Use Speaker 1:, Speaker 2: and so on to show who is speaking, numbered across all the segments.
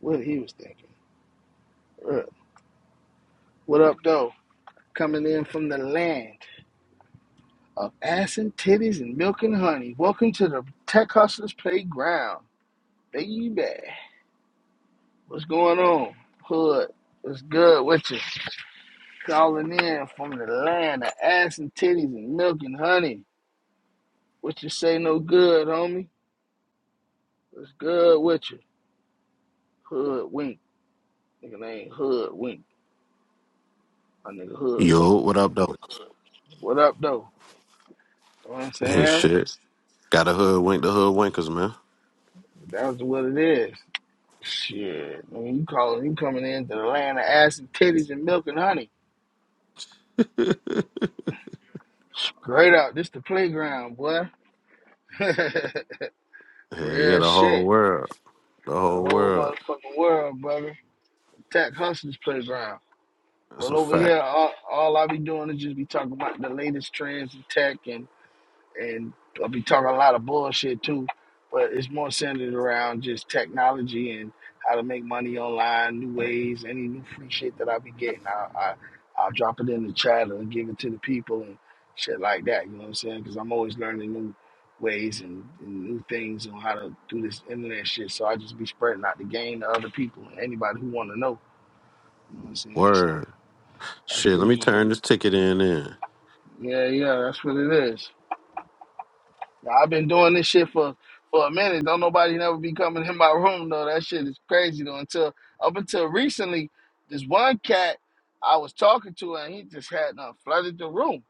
Speaker 1: What he was thinking. Uh, What up, though? Coming in from the land of ass and titties and milk and honey. Welcome to the Tech Hustlers Playground, baby. What's going on? Hood, what's good with you? Calling in from the land of ass and titties and milk and honey. What you say no good, homie? What's good with you? Hood wink. Nigga name Hood Wink. My nigga Hood Wink.
Speaker 2: Yo, what up, though?
Speaker 1: What up, though? You know what I'm
Speaker 2: Ain't
Speaker 1: saying?
Speaker 2: shit. Got a hood wink the hood winkers, man.
Speaker 1: That's what it is. Shit, nigga, you calling? You coming in to the land of ass and titties and milk and honey? Straight up, this the playground, boy.
Speaker 2: Hell yeah,
Speaker 1: Real
Speaker 2: the whole
Speaker 1: shit.
Speaker 2: world. The
Speaker 1: The
Speaker 2: whole
Speaker 1: whole
Speaker 2: world.
Speaker 1: motherfucking world, brother. Tech hustlers playground.
Speaker 2: That's
Speaker 1: Well,
Speaker 2: a
Speaker 1: over
Speaker 2: fact.
Speaker 1: here, all, all I be doing is just be talking about the latest trends in tech and and I'll be talking a lot of bullshit too, but it's more centered around just technology and how to make money online, new ways, any new free shit that I be getting. I, I I'll drop it in the chat and give it to the people and shit like that. You know what I'm saying? Because I'm always learning new ways and, and new things on how to do this internet shit. So I just be spreading out the game to other people and anybody who want to know. You know what I'm saying? So
Speaker 2: Word.
Speaker 1: that's
Speaker 2: Shit, let me
Speaker 1: pretty much
Speaker 2: turn this ticket in in.
Speaker 1: yeah, yeah. That's what it is. I've been doing this shit for for a minute. Don't nobody never be coming in my room though. That shit is crazy though. Until up until recently, this one cat I was talking to and he just had uh, flooded the room.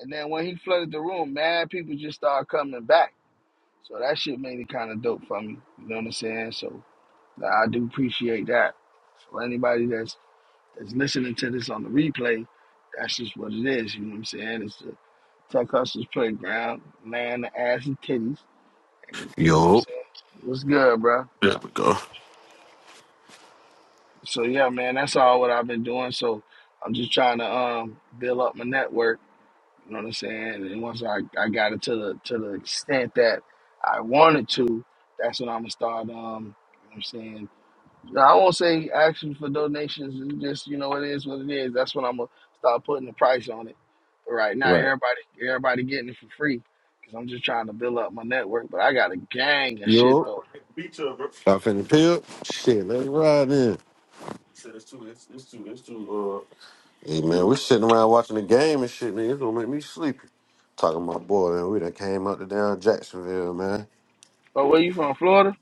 Speaker 1: And then when he flooded the room, mad people just started coming back. So that shit made it kind of dope for me. You know what I'm saying? So nah, I do appreciate that. For anybody that's that's listening to this on the replay, that's just what it is. You know what I'm saying? It's the Tech Hustlers Playground, land, the ass, and titties you know what I'm
Speaker 2: Yo.
Speaker 1: saying? What's good, bro?
Speaker 2: There we go.
Speaker 1: So yeah, man, that's all what I've been doing. So I'm just trying to um build up my network. You know what I'm saying? And once I, I got it to the to the extent that I wanted to, that's when I'm gonna start. Um, you know what I'm saying? I won't say action for donations. It's just you know it is what it is. That's when I'm gonna start putting the price on it. But right now,
Speaker 2: Right.
Speaker 1: everybody everybody getting it for free because I'm just trying to build up my network. But I got a gang of shit
Speaker 2: Yo.
Speaker 1: though.
Speaker 2: Beat you, bro. I finna pill. Shit, let's ride in. Shit, It's too, It's It's too. too. too. Uh. Hey, man, we sitting around watching the game and shit, man. It's gonna make me sleepy. Talking to my boy, man. We done came out to down Jacksonville, man.
Speaker 1: But where you from, Florida?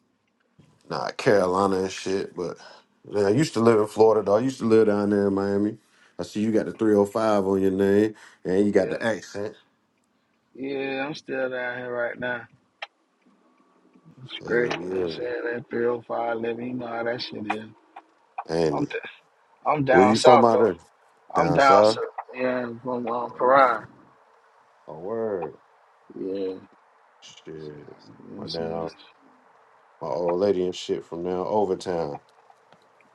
Speaker 2: Nah, Carolina and shit. But man, I used to live in Florida, though. I used to live down there in Miami. I see you got the 305 on your name, and you got
Speaker 1: Yeah.
Speaker 2: the accent.
Speaker 1: Yeah, I'm still down here right now. It's
Speaker 2: Yeah,
Speaker 1: great. You know what I'm
Speaker 2: yeah.
Speaker 1: saying? That 305 living, you know how that shit is. I'm,
Speaker 2: And
Speaker 1: d I'm
Speaker 2: where
Speaker 1: down
Speaker 2: you from
Speaker 1: south,
Speaker 2: out
Speaker 1: though.
Speaker 2: there?
Speaker 1: I'm
Speaker 2: Down
Speaker 1: down
Speaker 2: south?
Speaker 1: south. Yeah, from um, Paran.
Speaker 2: Oh, word.
Speaker 1: Yeah. So, you
Speaker 2: Shit.
Speaker 1: know what
Speaker 2: My
Speaker 1: I'm
Speaker 2: now,
Speaker 1: saying?
Speaker 2: my old lady and shit from now over town.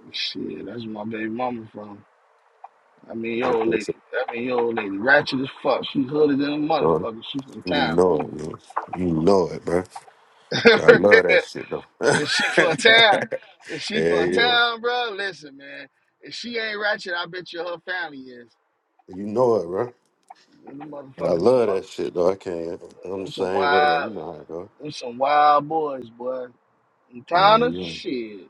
Speaker 1: That's, shit, that's where my baby mama from. I mean, your old
Speaker 2: Okay,
Speaker 1: lady.
Speaker 2: so,
Speaker 1: I mean, your old lady. Ratchet as fuck. She hooded than a
Speaker 2: uh,
Speaker 1: motherfucker. She from
Speaker 2: you
Speaker 1: town.
Speaker 2: know it, man. You know it, bro. But I love that shit though. yeah,
Speaker 1: if she from town, if she from
Speaker 2: yeah.
Speaker 1: town, bro, listen, man. If she ain't ratchet, I bet you her family is.
Speaker 2: You know it, bro.
Speaker 1: And the
Speaker 2: And I
Speaker 1: motherfuckers,
Speaker 2: love that shit though. I can't. I'm the
Speaker 1: Them some
Speaker 2: same way though. You
Speaker 1: wild,
Speaker 2: know how it go.
Speaker 1: them some wild boys, boy. And
Speaker 2: Yeah,
Speaker 1: Tana,
Speaker 2: you
Speaker 1: shit.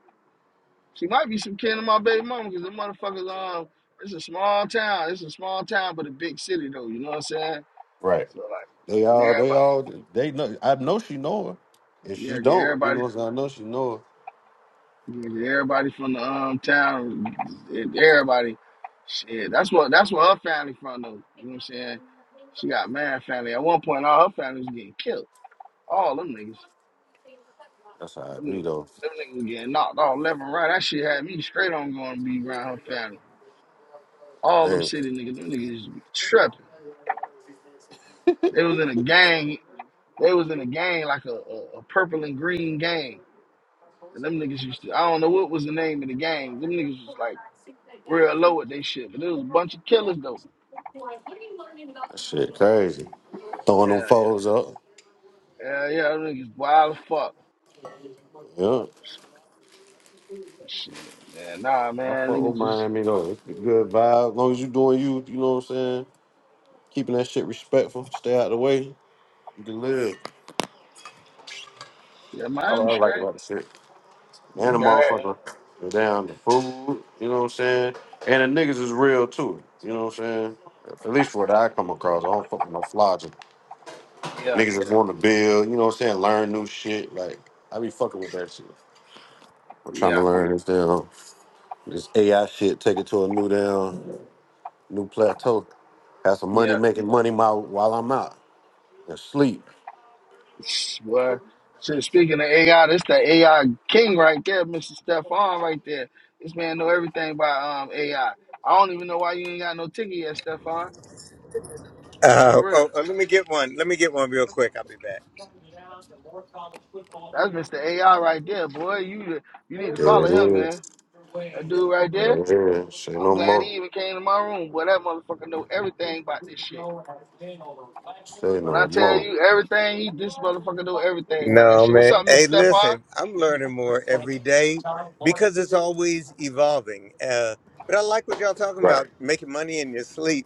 Speaker 1: She might be some kin to my baby mama because them motherfuckers, um, it's a small town. It's a small town, but a big city, though. You know what I'm saying?
Speaker 2: right.
Speaker 1: So, like,
Speaker 2: They
Speaker 1: and
Speaker 2: all, they
Speaker 1: everybody,
Speaker 2: all, they know. I know she know her, and she
Speaker 1: yeah, get
Speaker 2: don't. You
Speaker 1: everybody,
Speaker 2: know, what I'm saying? I know she know her.
Speaker 1: yeah, get everybody from the um town, and everybody, shit. That's what, that's where her family from, though. You know what I'm saying? She got mad family. At one point, all her family was getting killed. All them niggas.
Speaker 2: That's how I
Speaker 1: Them
Speaker 2: be
Speaker 1: niggas,
Speaker 2: though.
Speaker 1: them niggas was getting knocked off left and right. That shit had me straight on going to be around her family. All them
Speaker 2: Man,
Speaker 1: city niggas, them niggas used to be tripping. They was in a gang. They was in a gang like a, a, a purple and green gang. And them niggas used to, I don't know what was the name of the gang. Them niggas was like real low at they shit. But it was a bunch of killers though.
Speaker 2: that shit crazy. Throwing them
Speaker 1: Hell yeah.
Speaker 2: photos up.
Speaker 1: Hell yeah, them niggas wild as fuck.
Speaker 2: Yeah,
Speaker 1: Shit, man. Nah,
Speaker 2: I
Speaker 1: man,
Speaker 2: fuck with
Speaker 1: niggas just,
Speaker 2: Miami though. It's a good vibe. As long as you doing you, you know what I'm saying. Keeping that shit respectful. Stay out the way. You can live.
Speaker 1: yeah,
Speaker 2: I, I
Speaker 1: mind them straight.
Speaker 2: like about the shit. And the
Speaker 1: Just got that.
Speaker 2: motherfucker was down the food, you know what I'm saying? And the niggas is real too, you know what I'm saying? At least for what I come across, I don't fuck with no flogging.
Speaker 1: Yeah,
Speaker 2: Niggas is want to build, you know what I'm saying? Learn new shit. Like, I be fucking with that shit. I'm trying to
Speaker 1: yeah,
Speaker 2: learn this down, this AI shit, take it to a new down, new plateau. Have some money
Speaker 1: yeah.
Speaker 2: making money my, while I'm out and sleep.
Speaker 1: Well, shit, speaking of AI, this the AI king right there, Mr. Stephon right there. This man know everything about um AI. I I don't even know why you ain't got no ticket yet, Stephon. That
Speaker 3: Uh,
Speaker 1: real.
Speaker 3: oh, oh, let me get one. Let me get one real quick. I'll be back.
Speaker 1: That's Mr. AI right there, boy. You you need to
Speaker 2: There
Speaker 1: follow
Speaker 2: it
Speaker 1: him, man.
Speaker 2: is.
Speaker 1: That dude right there.
Speaker 2: Right here. Say
Speaker 1: I'm
Speaker 2: no
Speaker 1: glad
Speaker 2: more.
Speaker 1: he even came to my room, boy. That motherfucker know everything about this shit.
Speaker 2: Say
Speaker 1: When I
Speaker 2: no
Speaker 1: tell
Speaker 2: more.
Speaker 1: you everything, he this motherfucker know everything about that
Speaker 3: No,
Speaker 1: shit. What's
Speaker 3: man.
Speaker 1: up,
Speaker 3: Hey,
Speaker 1: Mr. Stephon?
Speaker 3: listen, I'm learning more every day because it's always evolving. Uh, but I like what y'all talking
Speaker 2: Right.
Speaker 3: about, making money in your sleep.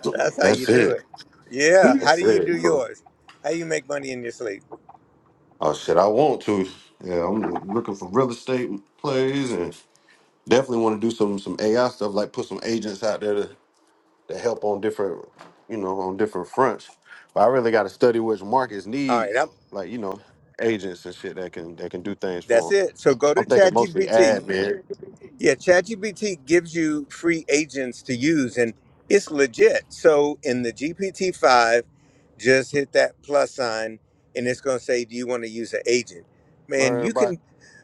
Speaker 3: That's how you
Speaker 2: That's
Speaker 3: do
Speaker 2: it.
Speaker 3: it. Yeah. How
Speaker 2: That's
Speaker 3: do you
Speaker 2: it,
Speaker 3: do
Speaker 2: bro.
Speaker 3: yours? How you make money in your sleep?
Speaker 2: Oh shit, I want to. Yeah, I'm looking for real estate plays and definitely want to do some some AI stuff, like put some agents out there to, to help on different, you know, on different fronts. But I really got to study which markets
Speaker 3: All
Speaker 2: need,
Speaker 3: right. I'm,
Speaker 2: like you know, agents and shit that can that can do things for
Speaker 3: that's
Speaker 2: them.
Speaker 3: it. So go to
Speaker 2: I'm thinking mostly
Speaker 3: ChatGPT.
Speaker 2: admin,
Speaker 3: Yeah, ChatGPT gives you free agents to use and it's legit. So in the GPT-5, just hit that plus sign and it's going to say do you want to use an agent? Man,
Speaker 2: learn
Speaker 3: you
Speaker 2: about,
Speaker 3: can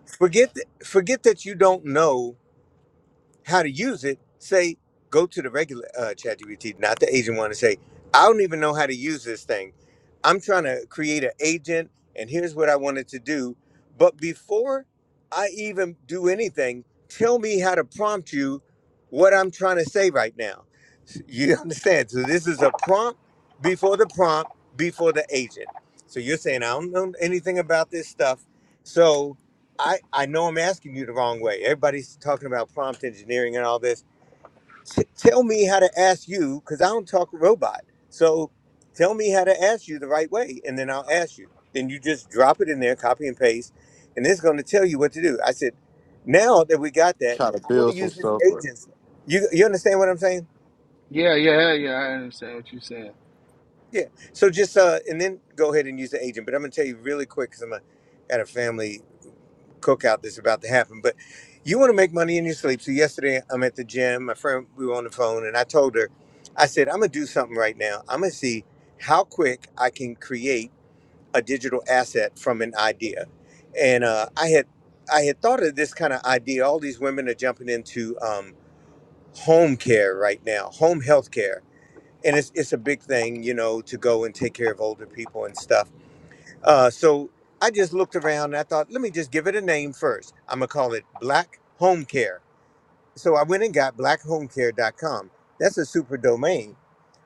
Speaker 3: forget th- forget that you don't know how to use it, say go to the regular uh, ChatGPT, not the agent one, and say, I don't even know how to use this thing. I'm trying to create an agent, and here's what I wanted to do. But before I even do anything, tell me how to prompt you what I'm trying to say right now. You understand? So this is a prompt before the prompt before the agent. So you're saying I don't know anything about this stuff, so. I, I know I'm asking you the wrong way. Everybody's talking about prompt engineering and all this. T- tell me how to ask you, because I don't talk robot. So tell me how to ask you the right way, and then I'll ask you. Then you just drop it in there, copy and paste, and it's going to tell you what to do. I said, now that we got that,
Speaker 2: try to
Speaker 3: I want to
Speaker 2: build some
Speaker 3: use this
Speaker 2: stuff. But
Speaker 3: agent. You, you understand what I'm saying?
Speaker 1: Yeah, yeah, yeah, yeah. I understand what you're saying.
Speaker 3: Yeah. So just, uh, and then go ahead and use the agent. But I'm going to tell you really quick, because I'm a, at a family. cookout that's about to happen. But you want to make money in your sleep. So yesterday, I'm at the gym. My friend, we were on the phone, and I told her, I said, I'm gonna do something right now. I'm gonna see how quick I can create a digital asset from an idea. And uh, I had I had thought of this kind of idea. All these women are jumping into um, home care right now, home health care. And it's, it's a big thing, you know, to go and take care of older people and stuff uh, so I just looked around and I thought, let me just give it a name first. I'm going to call it Black Home Care. So I went and got blackhomecare.com. That's a super domain.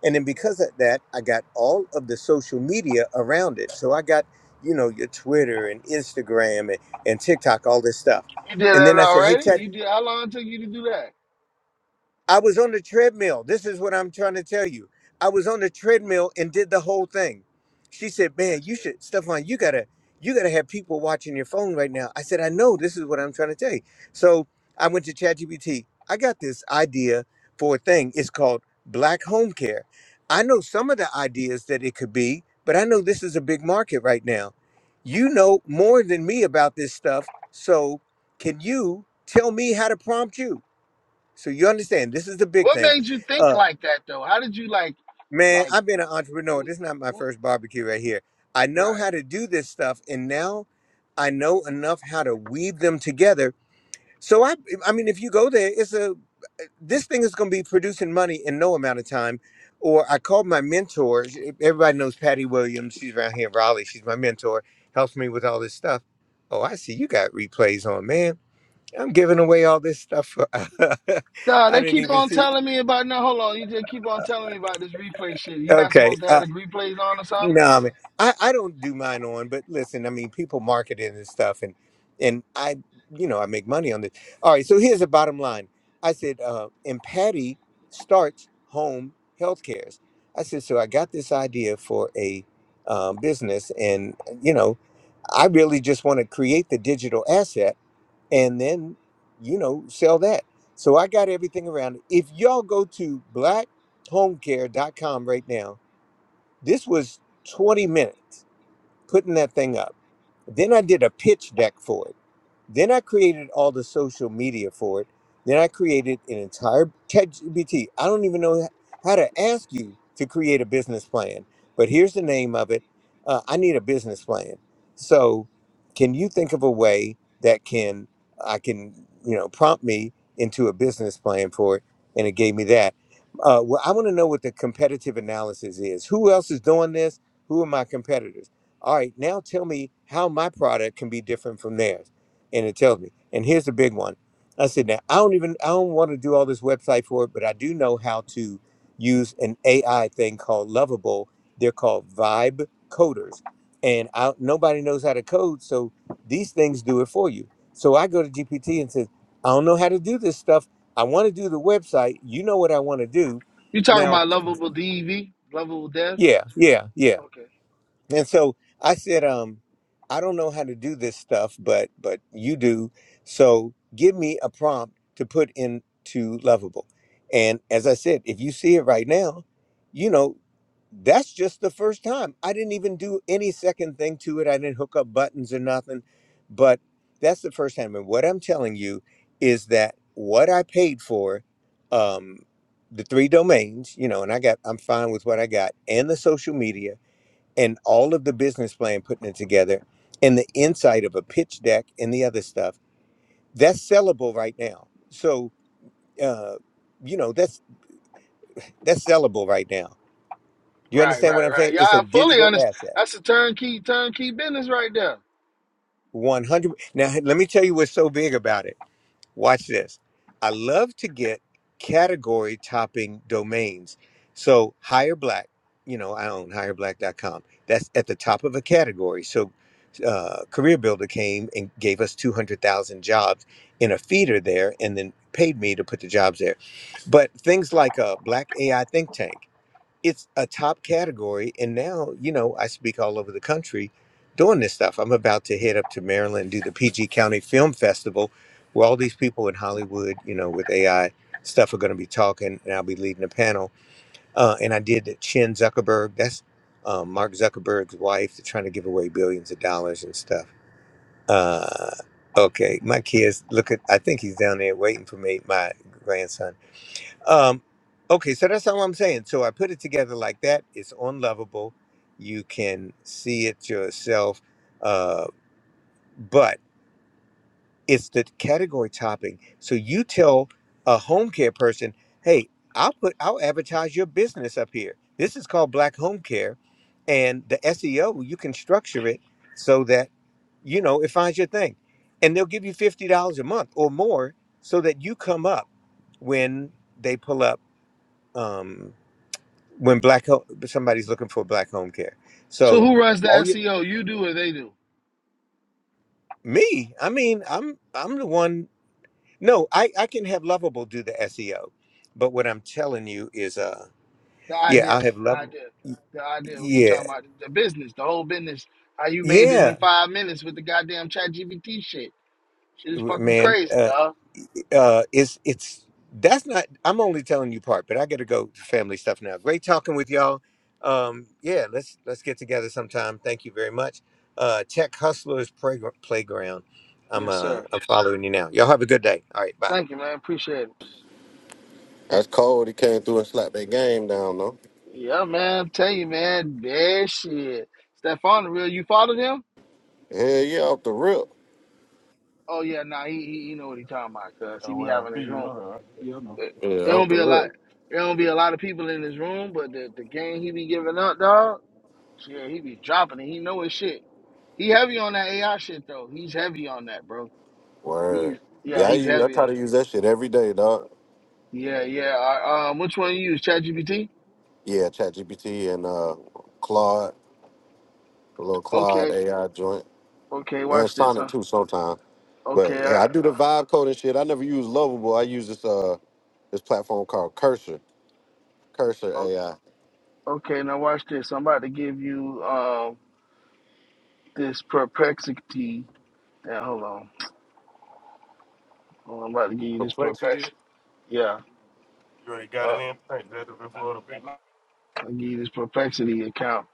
Speaker 3: And then because of that, I got all of the social media around it. So I got, you know, your Twitter and Instagram and, and TikTok, all this stuff.
Speaker 1: You did
Speaker 3: And
Speaker 1: that
Speaker 3: then I said, hey,
Speaker 1: already?
Speaker 3: Tech.
Speaker 1: You did how long it took you to do that?
Speaker 3: I was on the treadmill. This is what I'm trying to tell you. I was on the treadmill and did the whole thing. She said, "Man,
Speaker 1: That's
Speaker 3: you
Speaker 1: good.
Speaker 3: should, Stefan. You gotta, you gotta have people watching your phone right now." I said, "I know. This is what I'm trying to tell you." So I went to ChatGPT. I got this idea for a thing. It's called Black Home Care. I know some of the ideas that it could be, but I know this is a big market right now. You know more than me about this stuff, so can you tell me how to prompt you? So you understand, this is the big
Speaker 1: What
Speaker 3: thing.
Speaker 1: made you think
Speaker 3: Uh,
Speaker 1: like that though? How did you like
Speaker 3: man,
Speaker 1: like
Speaker 3: I've been an entrepreneur.
Speaker 1: w-
Speaker 3: This is not my
Speaker 1: w-
Speaker 3: first barbecue right here. I know
Speaker 1: right.
Speaker 3: how to do this stuff, and now I know enough how to weave them together. So I, I mean, if you go there, it's a this thing is going to be producing money in no amount of time. Or I called my mentor. Everybody knows Patty Williams. She's around here in Raleigh. She's my mentor. Helps me with all this stuff. Oh, I see you got replays on, man. I'm giving away all this stuff. For,
Speaker 1: Duh,
Speaker 3: I
Speaker 1: they
Speaker 3: didn't
Speaker 1: keep
Speaker 3: even
Speaker 1: on
Speaker 3: see.
Speaker 1: telling me about no hold on, you just keep on telling me about this replay shit. You not
Speaker 3: Okay.
Speaker 1: supposed to
Speaker 3: uh,
Speaker 1: have the replays on or something?
Speaker 3: No, I mean, I, I don't do mine on, but listen, I mean, people market it and stuff, and and I, you know, I make money on this. All right, so here's the bottom line. I said, uh, and Patty starts home health cares. I said, so I got this idea for a uh, business, and you know, I really just want to create the digital asset and then, you know, sell that. So I got everything around it. If y'all go to black home care dot com right now this was 20 minutes putting that thing up. Then I did a pitch deck for it. Then I created all the social media for it. Then I created an entire ChatGPT. I don't even know how to ask you to create a business plan, but here's the name of it. Uh, I need a business plan. So, can you think of a way that can I can you know prompt me into a business plan for it? And it gave me that. Uh, well, I want to know what the competitive analysis is. Who else is doing this? Who are my competitors? All right, now tell me how my product can be different from theirs and it tells me. And here's the big one. I said, now I don't even I don't want to do all this website for it, but I do know how to use an AI thing called Lovable. They're called Vibe Coders, and I, nobody knows how to code, so these things do it for you. So I go to GPT and says, I don't know how to do this stuff. I want to do the website. You know what I want to do.
Speaker 1: You talking
Speaker 3: Now,
Speaker 1: about lovable DV, lovable death?
Speaker 3: yeah, yeah, yeah.
Speaker 1: Okay.
Speaker 3: And so I said, um, I don't know how to do this stuff, but but you do. So give me a prompt to put into Lovable. And as I said, if you see it right now, you know, that's just the first time. I didn't even do any second thing to it. I didn't hook up buttons or nothing. But that's the first time. And what I'm telling you is that what I paid for, um, the three domains, you know, and I got I'm fine with what I got and the social media and all of the business plan putting it together and the insight of a pitch deck and the other stuff that's sellable right now so uh you know that's that's sellable right now do you
Speaker 1: Right,
Speaker 3: understand
Speaker 1: right,
Speaker 3: what i'm
Speaker 1: right.
Speaker 3: saying
Speaker 1: Yeah,
Speaker 3: it's
Speaker 1: I
Speaker 3: a
Speaker 1: fully
Speaker 3: digital
Speaker 1: understand.
Speaker 3: asset
Speaker 1: That's a turnkey, turnkey business right there.
Speaker 3: 100 now hey, let me tell you what's so big about it Watch this. I love to get category topping domains. So hire black, you know, I own hireblack.com. That's at the top of a category. So uh, Career Builder came and gave us 200,000 jobs in a feeder there and then paid me to put the jobs there. But things like a black AI think tank it's a top category and now you know i speak all over the country doing this stuff i'm about to head up to maryland and do the pg county film festival where all these people in hollywood you know with ai stuff are going to be talking and i'll be leading a panel uh, and i did the chin zuckerberg that's um, mark zuckerberg's wife they're trying to give away billions of dollars and stuff uh, okay my kids look at i think he's down there waiting for me my grandson um, okay, so that's all I'm saying. So I put it together like that. It's unlovable. You can see it yourself, uh, but it's the category topping. So you tell a home care person, "Hey, I'll put I'll advertise your business up here. This is called Black Home Care, and the SEO you can structure it so that you know it finds your thing, and they'll give you fifty dollars a month or more so that you come up when they pull up." Um, when black ho- somebody's looking for black home care.
Speaker 1: So
Speaker 3: So
Speaker 1: who runs the
Speaker 3: all you
Speaker 1: SEO? You do or they do?
Speaker 3: me, I mean, I'm I'm the one. No, I I can have Lovable do the SEO, but what I'm telling you is, uh,
Speaker 1: The
Speaker 3: yeah,
Speaker 1: idea,
Speaker 3: I'll have
Speaker 1: the
Speaker 3: Lovable.
Speaker 1: idea, the idea. When you
Speaker 3: Yeah,
Speaker 1: talking about the business, the whole business, how you made it
Speaker 3: yeah.
Speaker 1: in five minutes with the goddamn chat GBT shit. Shit is fucking
Speaker 3: man
Speaker 1: crazy,
Speaker 3: uh,
Speaker 1: dog.
Speaker 3: uh it's it's that's not i'm only telling you part but i gotta go to family stuff now great talking with y'all um yeah let's let's get together sometime thank you very much uh tech hustlers Playg- playground i'm
Speaker 1: Yes,
Speaker 3: uh
Speaker 1: sir.
Speaker 3: i'm following you now y'all have a good day all right bye
Speaker 1: Thank you, man. Appreciate it.
Speaker 2: that's cold. He came through and slapped that game down though.
Speaker 1: Yeah, man. I'm telling you, man. That shit. Stephon, the real, you followed him?
Speaker 2: Hell yeah, off the rip.
Speaker 1: Oh, yeah, nah, he, he, he know what he talking about, cuz he be having his room. It,
Speaker 2: Yeah,
Speaker 1: it
Speaker 2: off
Speaker 1: don't
Speaker 2: the
Speaker 1: be a lot.
Speaker 2: rip.
Speaker 1: It don't be a lot of people in his room, but the, the game he be giving up, dog, shit, he be dropping it. He know his shit. He heavy on that AI shit though. He's heavy on that, bro. He's
Speaker 2: Word. Yeah,
Speaker 1: yeah,
Speaker 2: I,
Speaker 1: he's
Speaker 2: use, I
Speaker 1: heavy
Speaker 2: try
Speaker 1: on it.
Speaker 2: to use that shit every day, dog.
Speaker 1: Yeah, yeah. I, um, which one you use? ChatGPT?
Speaker 2: Yeah, ChatGPT and uh, Claude, a little Claude
Speaker 1: Okay,
Speaker 2: AI joint,
Speaker 1: okay. Watch
Speaker 2: and
Speaker 1: this.
Speaker 2: Sonic
Speaker 1: Huh?
Speaker 2: too sometimes.
Speaker 1: Okay,
Speaker 2: But
Speaker 1: I,
Speaker 2: yeah, I do the vibe code and shit. I never use Lovable. I use this uh this platform called Cursor, Cursor
Speaker 1: o-
Speaker 2: AI.
Speaker 1: okay. Now watch this. I'm about to give you um this perplexity. Yeah, hold on. Hold on, I'm about to give you this
Speaker 2: Perplexity.
Speaker 1: perplexity. Yeah, uh, I'll give you this perplexity account.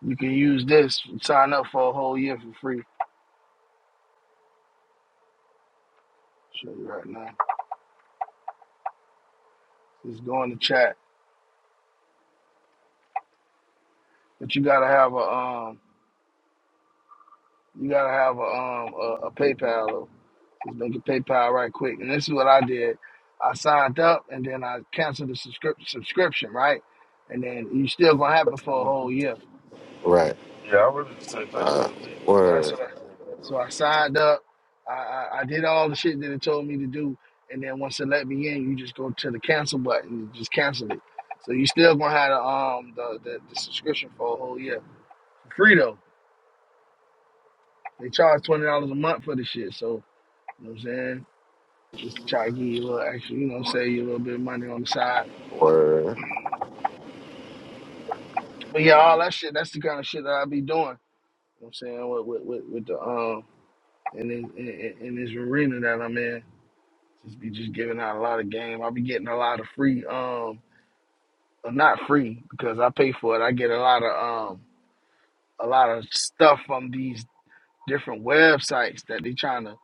Speaker 1: You can use this. Sign up for a whole year for free. Show you right now. Just go in the chat, but you gotta have a um You gotta have a um a, a PayPal. Just make a PayPal right quick. And this is what I did. I signed up and then I canceled the subscrip- subscription, right? And then you still gonna have it for a whole year.
Speaker 2: Right. Uh,
Speaker 1: So, so that's
Speaker 2: word,
Speaker 1: what I. So I signed up. I, I I did all the shit that it told me to do. And then once it let me in, you just go to the cancel button. You just cancel it. So you still gonna have the um the, the, the subscription for a whole year for free though. They charge twenty dollars a month for this shit. So you know what I'm saying. Just try to give you a little extra, you know what I'm saying, you a little bit of money on the side.
Speaker 2: word.
Speaker 1: But yeah, all that shit, that's the kind of shit that I be doing. You know what I'm saying? With with with, with the um in this in, in in this arena that I'm in. Just be just giving out a lot of game. i be getting a lot of free um well, not free because I pay for it. I get a lot of um a lot of stuff from these different websites that they trying to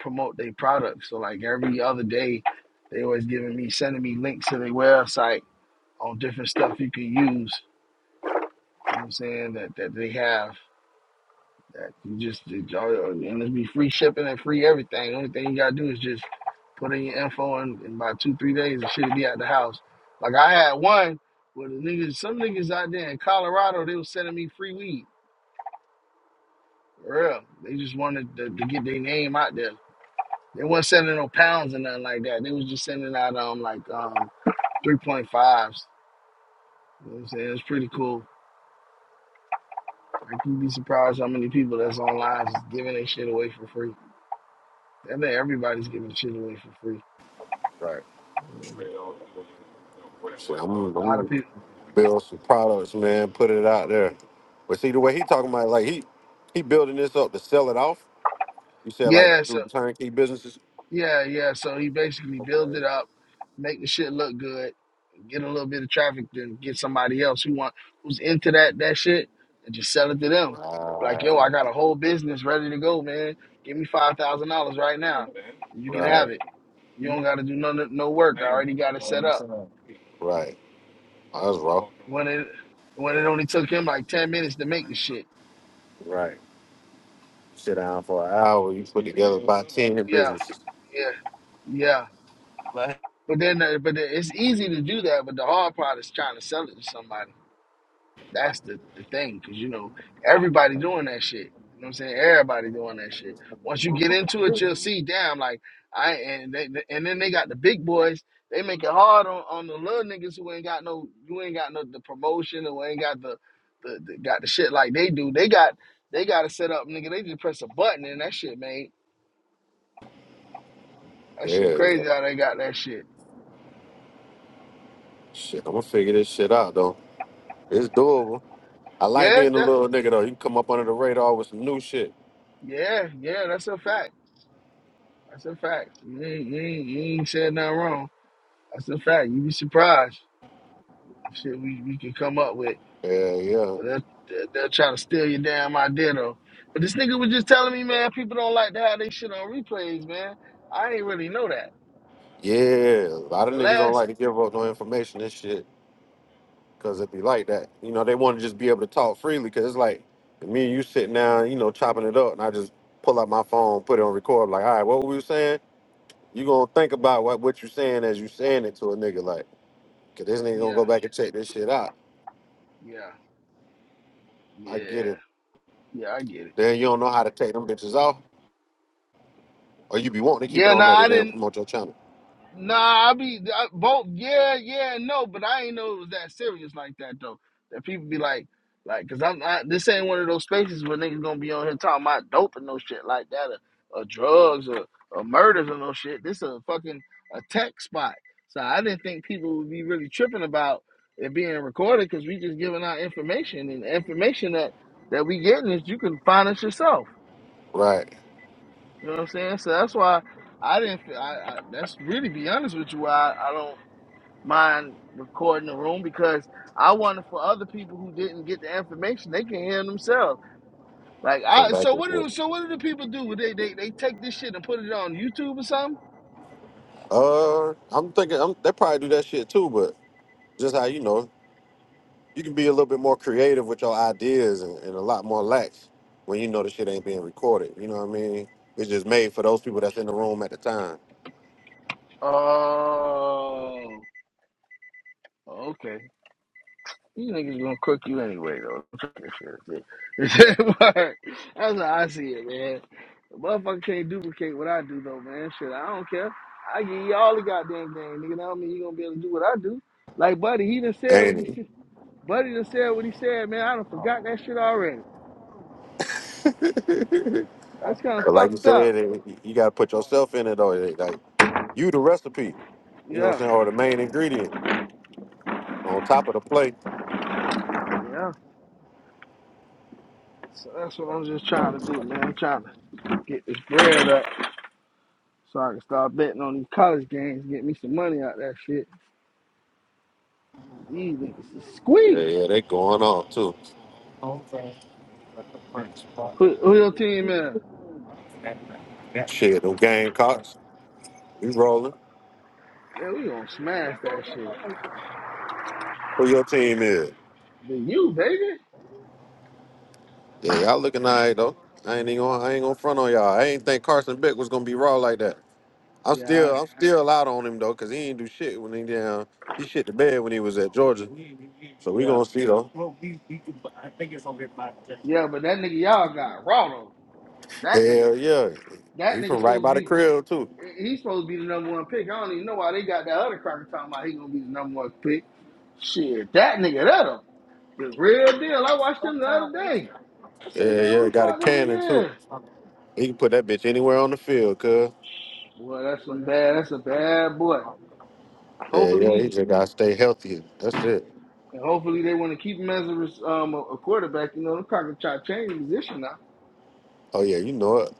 Speaker 1: promote their products. So like every other day they always giving me sending me links to their website on different stuff you can use You know what I'm saying? That that they have that you just it, all- and it's be free shipping and free everything. The only thing you gotta do is just put in your info and in about two, three days it should be at the house. Like I had one with the niggas some niggas out there in Colorado, they was sending me free weed. For real. They just wanted to, to get their name out there. They wasn't sending no pounds or nothing like that. They was just sending out um like um three point fives. You know what I'm saying? It's pretty cool. Like you'd be surprised how many people that's online just giving their shit away for free. I think everybody's giving shit away for free.
Speaker 2: Right.
Speaker 1: Um,
Speaker 2: So I'm,
Speaker 1: a lot of
Speaker 2: I'm
Speaker 1: people.
Speaker 2: build some products, man. Put it out there. But see the way he talking about, like he he building this up to sell it off. You said like
Speaker 1: Yeah, so
Speaker 2: through the turnkey businesses.
Speaker 1: yeah, yeah. So he basically builds it up, make the shit look good, get a little bit of traffic, then get somebody else who want who's into that that shit and just sell it to them. Like, yo, I
Speaker 2: Right,
Speaker 1: got a whole business ready to go, man. Give me five thousand dollars right now. You can have
Speaker 2: right,
Speaker 1: it. You don't gotta do no no work. I already got it set up.
Speaker 2: right. Oh, that's raw.
Speaker 1: When it when it only took him like ten minutes to make the shit.
Speaker 2: Right. Sit down for an hour. You put together about ten
Speaker 1: Yeah,
Speaker 2: businesses.
Speaker 1: yeah. yeah. But then, uh, but it- it's easy to do that. But the hard part is trying to sell it to somebody. That's the, the thing, because you know everybody doing that shit. You know what I'm saying? Everybody doing that shit. Once you get into it, you'll see. Damn, like I and they, and then they got the big boys. They make it hard on, on the little niggas who ain't got no You ain't got no the promotion or ain't got the, the, the got the shit like they do. They got they got to set up, nigga. They just press a button and that shit, man. That
Speaker 2: Yeah,
Speaker 1: shit
Speaker 2: yeah.
Speaker 1: crazy how they got that shit.
Speaker 2: Shit, I'm gonna figure this shit out though. It's doable. I like
Speaker 1: Yes,
Speaker 2: being a
Speaker 1: that
Speaker 2: little nigga though. You can come up under the radar with some new shit.
Speaker 1: yeah, yeah, that's a fact. That's a fact. You ain't, you ain't, you ain't said nothing wrong. That's a fact. You be surprised. what Shit, we, we could come up with.
Speaker 2: Yeah, yeah,
Speaker 1: But they'll, they'll, they'll try to steal your damn idea, though. But this nigga was just telling me, man, people don't like to have they shit on replays, man. I ain't really know that.
Speaker 2: yeah. A lot of
Speaker 1: The
Speaker 2: niggas don't
Speaker 1: last,
Speaker 2: like to give up no information. and shit. Cause it'd be like that. You know, they want to just be able to talk freely. Cause it's like me and you sitting down, you know, chopping it up, and I just pull out my phone, put it on record. Like, all right, what we were saying? You gonna think about what what you saying as you saying it to a nigga. Like, cause this nigga gonna
Speaker 1: yeah,
Speaker 2: go back and check this shit out.
Speaker 1: yeah,
Speaker 2: I
Speaker 1: yeah,
Speaker 2: get it.
Speaker 1: yeah, I get it.
Speaker 2: Then you don't know how to take them bitches off, or you be wanting to keep
Speaker 1: Yeah,
Speaker 2: it
Speaker 1: no,
Speaker 2: on there to
Speaker 1: I
Speaker 2: damn
Speaker 1: didn't.
Speaker 2: promote your channel.
Speaker 1: Nah, I be I, both. Yeah, yeah, and no, but I ain't know it was that serious like that though. That people be like, like, cause I'm I, this ain't one of those spaces where niggas gonna be on here talking about dope and no shit like that, or, or drugs or, or murders or no shit. This a fucking a tech spot. So I didn't think people would be really tripping about it being recorded because we just giving out information and the information that that we getting is you can find us yourself.
Speaker 2: Right.
Speaker 1: You know what I'm saying? So that's why I didn't. fe- I, I that's really be honest with you. Why I, I don't mind recording the room because I wanted for other people who didn't get the information, they can hear it themselves. Like
Speaker 2: Come
Speaker 1: I
Speaker 2: back
Speaker 1: so
Speaker 2: and
Speaker 1: what
Speaker 2: forth.
Speaker 1: do so what do the people do? They they they take this shit and put it on YouTube or something?
Speaker 2: Uh, I'm thinking I'm, they probably do that shit too, but just how you know. you can be a little bit more creative with your ideas and, and a lot more lax when you know the shit ain't being recorded. You know what I mean? It's just made for those people that's in the room at the time,
Speaker 1: Oh okay. You niggas gonna cook you anyway though. shit work. That's how I see it, man. The motherfucker can't duplicate what I do though, man. Shit, I don't care. I give you all the goddamn game, nigga. That don't mean you gonna be able to do what I do. Like buddy, he done said what
Speaker 2: ain't
Speaker 1: he
Speaker 2: it?
Speaker 1: Buddy just said what he said, man. I done forgot that shit already. That's kind of
Speaker 2: But like you
Speaker 1: fucked up.
Speaker 2: said, it, you got to put yourself in it, though. It- Like you, the recipe, you know what I'm
Speaker 1: Yeah,
Speaker 2: saying, or the main ingredient on top of the plate.
Speaker 1: yeah. So that's what I'm just trying to do, man. I'm trying to get this bread up so I can start betting on these college games, get me some money out of that shit. These niggas is
Speaker 2: Yeah,
Speaker 1: squeak.
Speaker 2: yeah, they going on too.
Speaker 1: Who, who your team is?
Speaker 2: Yeah. Shit, them Gamecocks, we rolling.
Speaker 1: Yeah, we gonna smash that shit.
Speaker 2: Who your team is?
Speaker 1: The you, baby.
Speaker 2: Yeah, y'all looking alright though. I ain't even gonna, I ain't gonna front on y'all. I ain't think Carson Beck was gonna be raw like that. I'm
Speaker 1: Yeah,
Speaker 2: still I'm still out on him though, cause he ain't do shit when he down. He shit the bed when he was at Georgia. So we
Speaker 1: yeah,
Speaker 2: gonna see though.
Speaker 1: yeah. But that nigga y'all got raw though. That nigga,
Speaker 2: Hell yeah.
Speaker 1: that
Speaker 2: He
Speaker 1: nigga
Speaker 2: from right
Speaker 1: supposed to
Speaker 2: by the
Speaker 1: be.
Speaker 2: crib too.
Speaker 1: He's supposed to be the number one pick. I don't even know why they got that other cracker talking about he gonna be the number one pick. Shit, that nigga, that a the real deal. I watched him the other day. I say,
Speaker 2: Yeah,
Speaker 1: man, who
Speaker 2: yeah,
Speaker 1: the
Speaker 2: got a
Speaker 1: fuck this
Speaker 2: cannon
Speaker 1: nigga
Speaker 2: too.
Speaker 1: is?
Speaker 2: He can put that bitch anywhere on the field, cuz.
Speaker 1: Boy, that's some bad. That's a bad boy.
Speaker 2: Yeah,
Speaker 1: Hopefully
Speaker 2: yeah, he
Speaker 1: he,
Speaker 2: just gotta stay healthy. That's it.
Speaker 1: and hopefully they want to keep him as a, um, a, quarterback. You know, the cocker try to change position now.
Speaker 2: Oh yeah, you know it.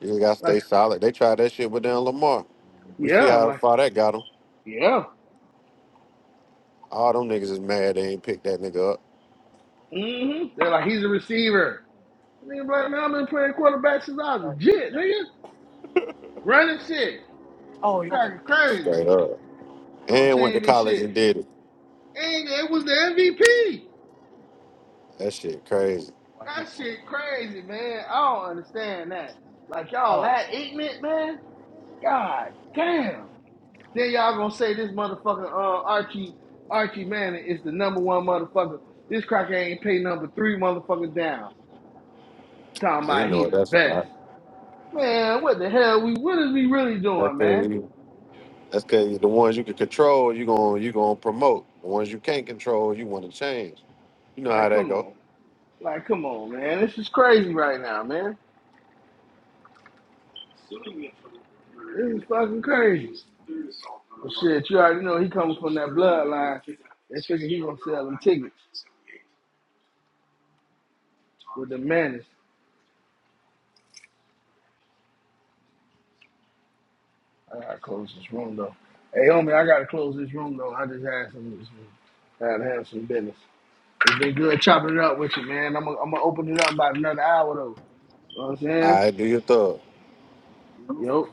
Speaker 2: You just gotta
Speaker 1: Like,
Speaker 2: stay solid. They tried that shit with down Lamar. We see
Speaker 1: yeah,
Speaker 2: how
Speaker 1: like,
Speaker 2: far that got him.
Speaker 1: yeah.
Speaker 2: All them niggas is mad they ain't picked that nigga up.
Speaker 1: hmm They're like, he's a receiver. Nigga, like, man, I've been playing quarterback since I was a jit, nigga. Running shit, cocker crazy.
Speaker 2: Straight up.
Speaker 1: Gonna
Speaker 2: and went to
Speaker 1: change this
Speaker 2: college
Speaker 1: shit.
Speaker 2: and did it.
Speaker 1: And it was the MVP.
Speaker 2: That shit crazy.
Speaker 1: That shit crazy, man. I don't understand that. Like y'all that ignorant, man. God damn. Then y'all gonna say this motherfucker uh, Archie Archie Manning is the number one motherfucker. This cracker ain't pay number three motherfucker down. Talking
Speaker 2: And
Speaker 1: about
Speaker 2: you know
Speaker 1: he
Speaker 2: what
Speaker 1: the
Speaker 2: that's
Speaker 1: best.
Speaker 2: about.
Speaker 1: Man, what the hell we what is we really
Speaker 2: That's
Speaker 1: doing,
Speaker 2: cause
Speaker 1: man?
Speaker 2: you, that's cause the ones you can control, you gon' you gonna promote. The ones you can't control, you want to change. You know how
Speaker 1: Like
Speaker 2: that
Speaker 1: come
Speaker 2: go.
Speaker 1: on. Like come on, man. This is crazy right now, man. This is fucking crazy. But shit, you already know he comes from that bloodline. They figure he gonna sell them tickets with the manners. I gotta close this room though. Hey homie, I gotta close this room though. I just had some, I had to have some business. It's been good chopping it up with you, man. I'm gonna I'm gonna open it up about another hour though. You know what I'm
Speaker 2: All
Speaker 1: saying?
Speaker 2: right, do your thug.
Speaker 1: Yup.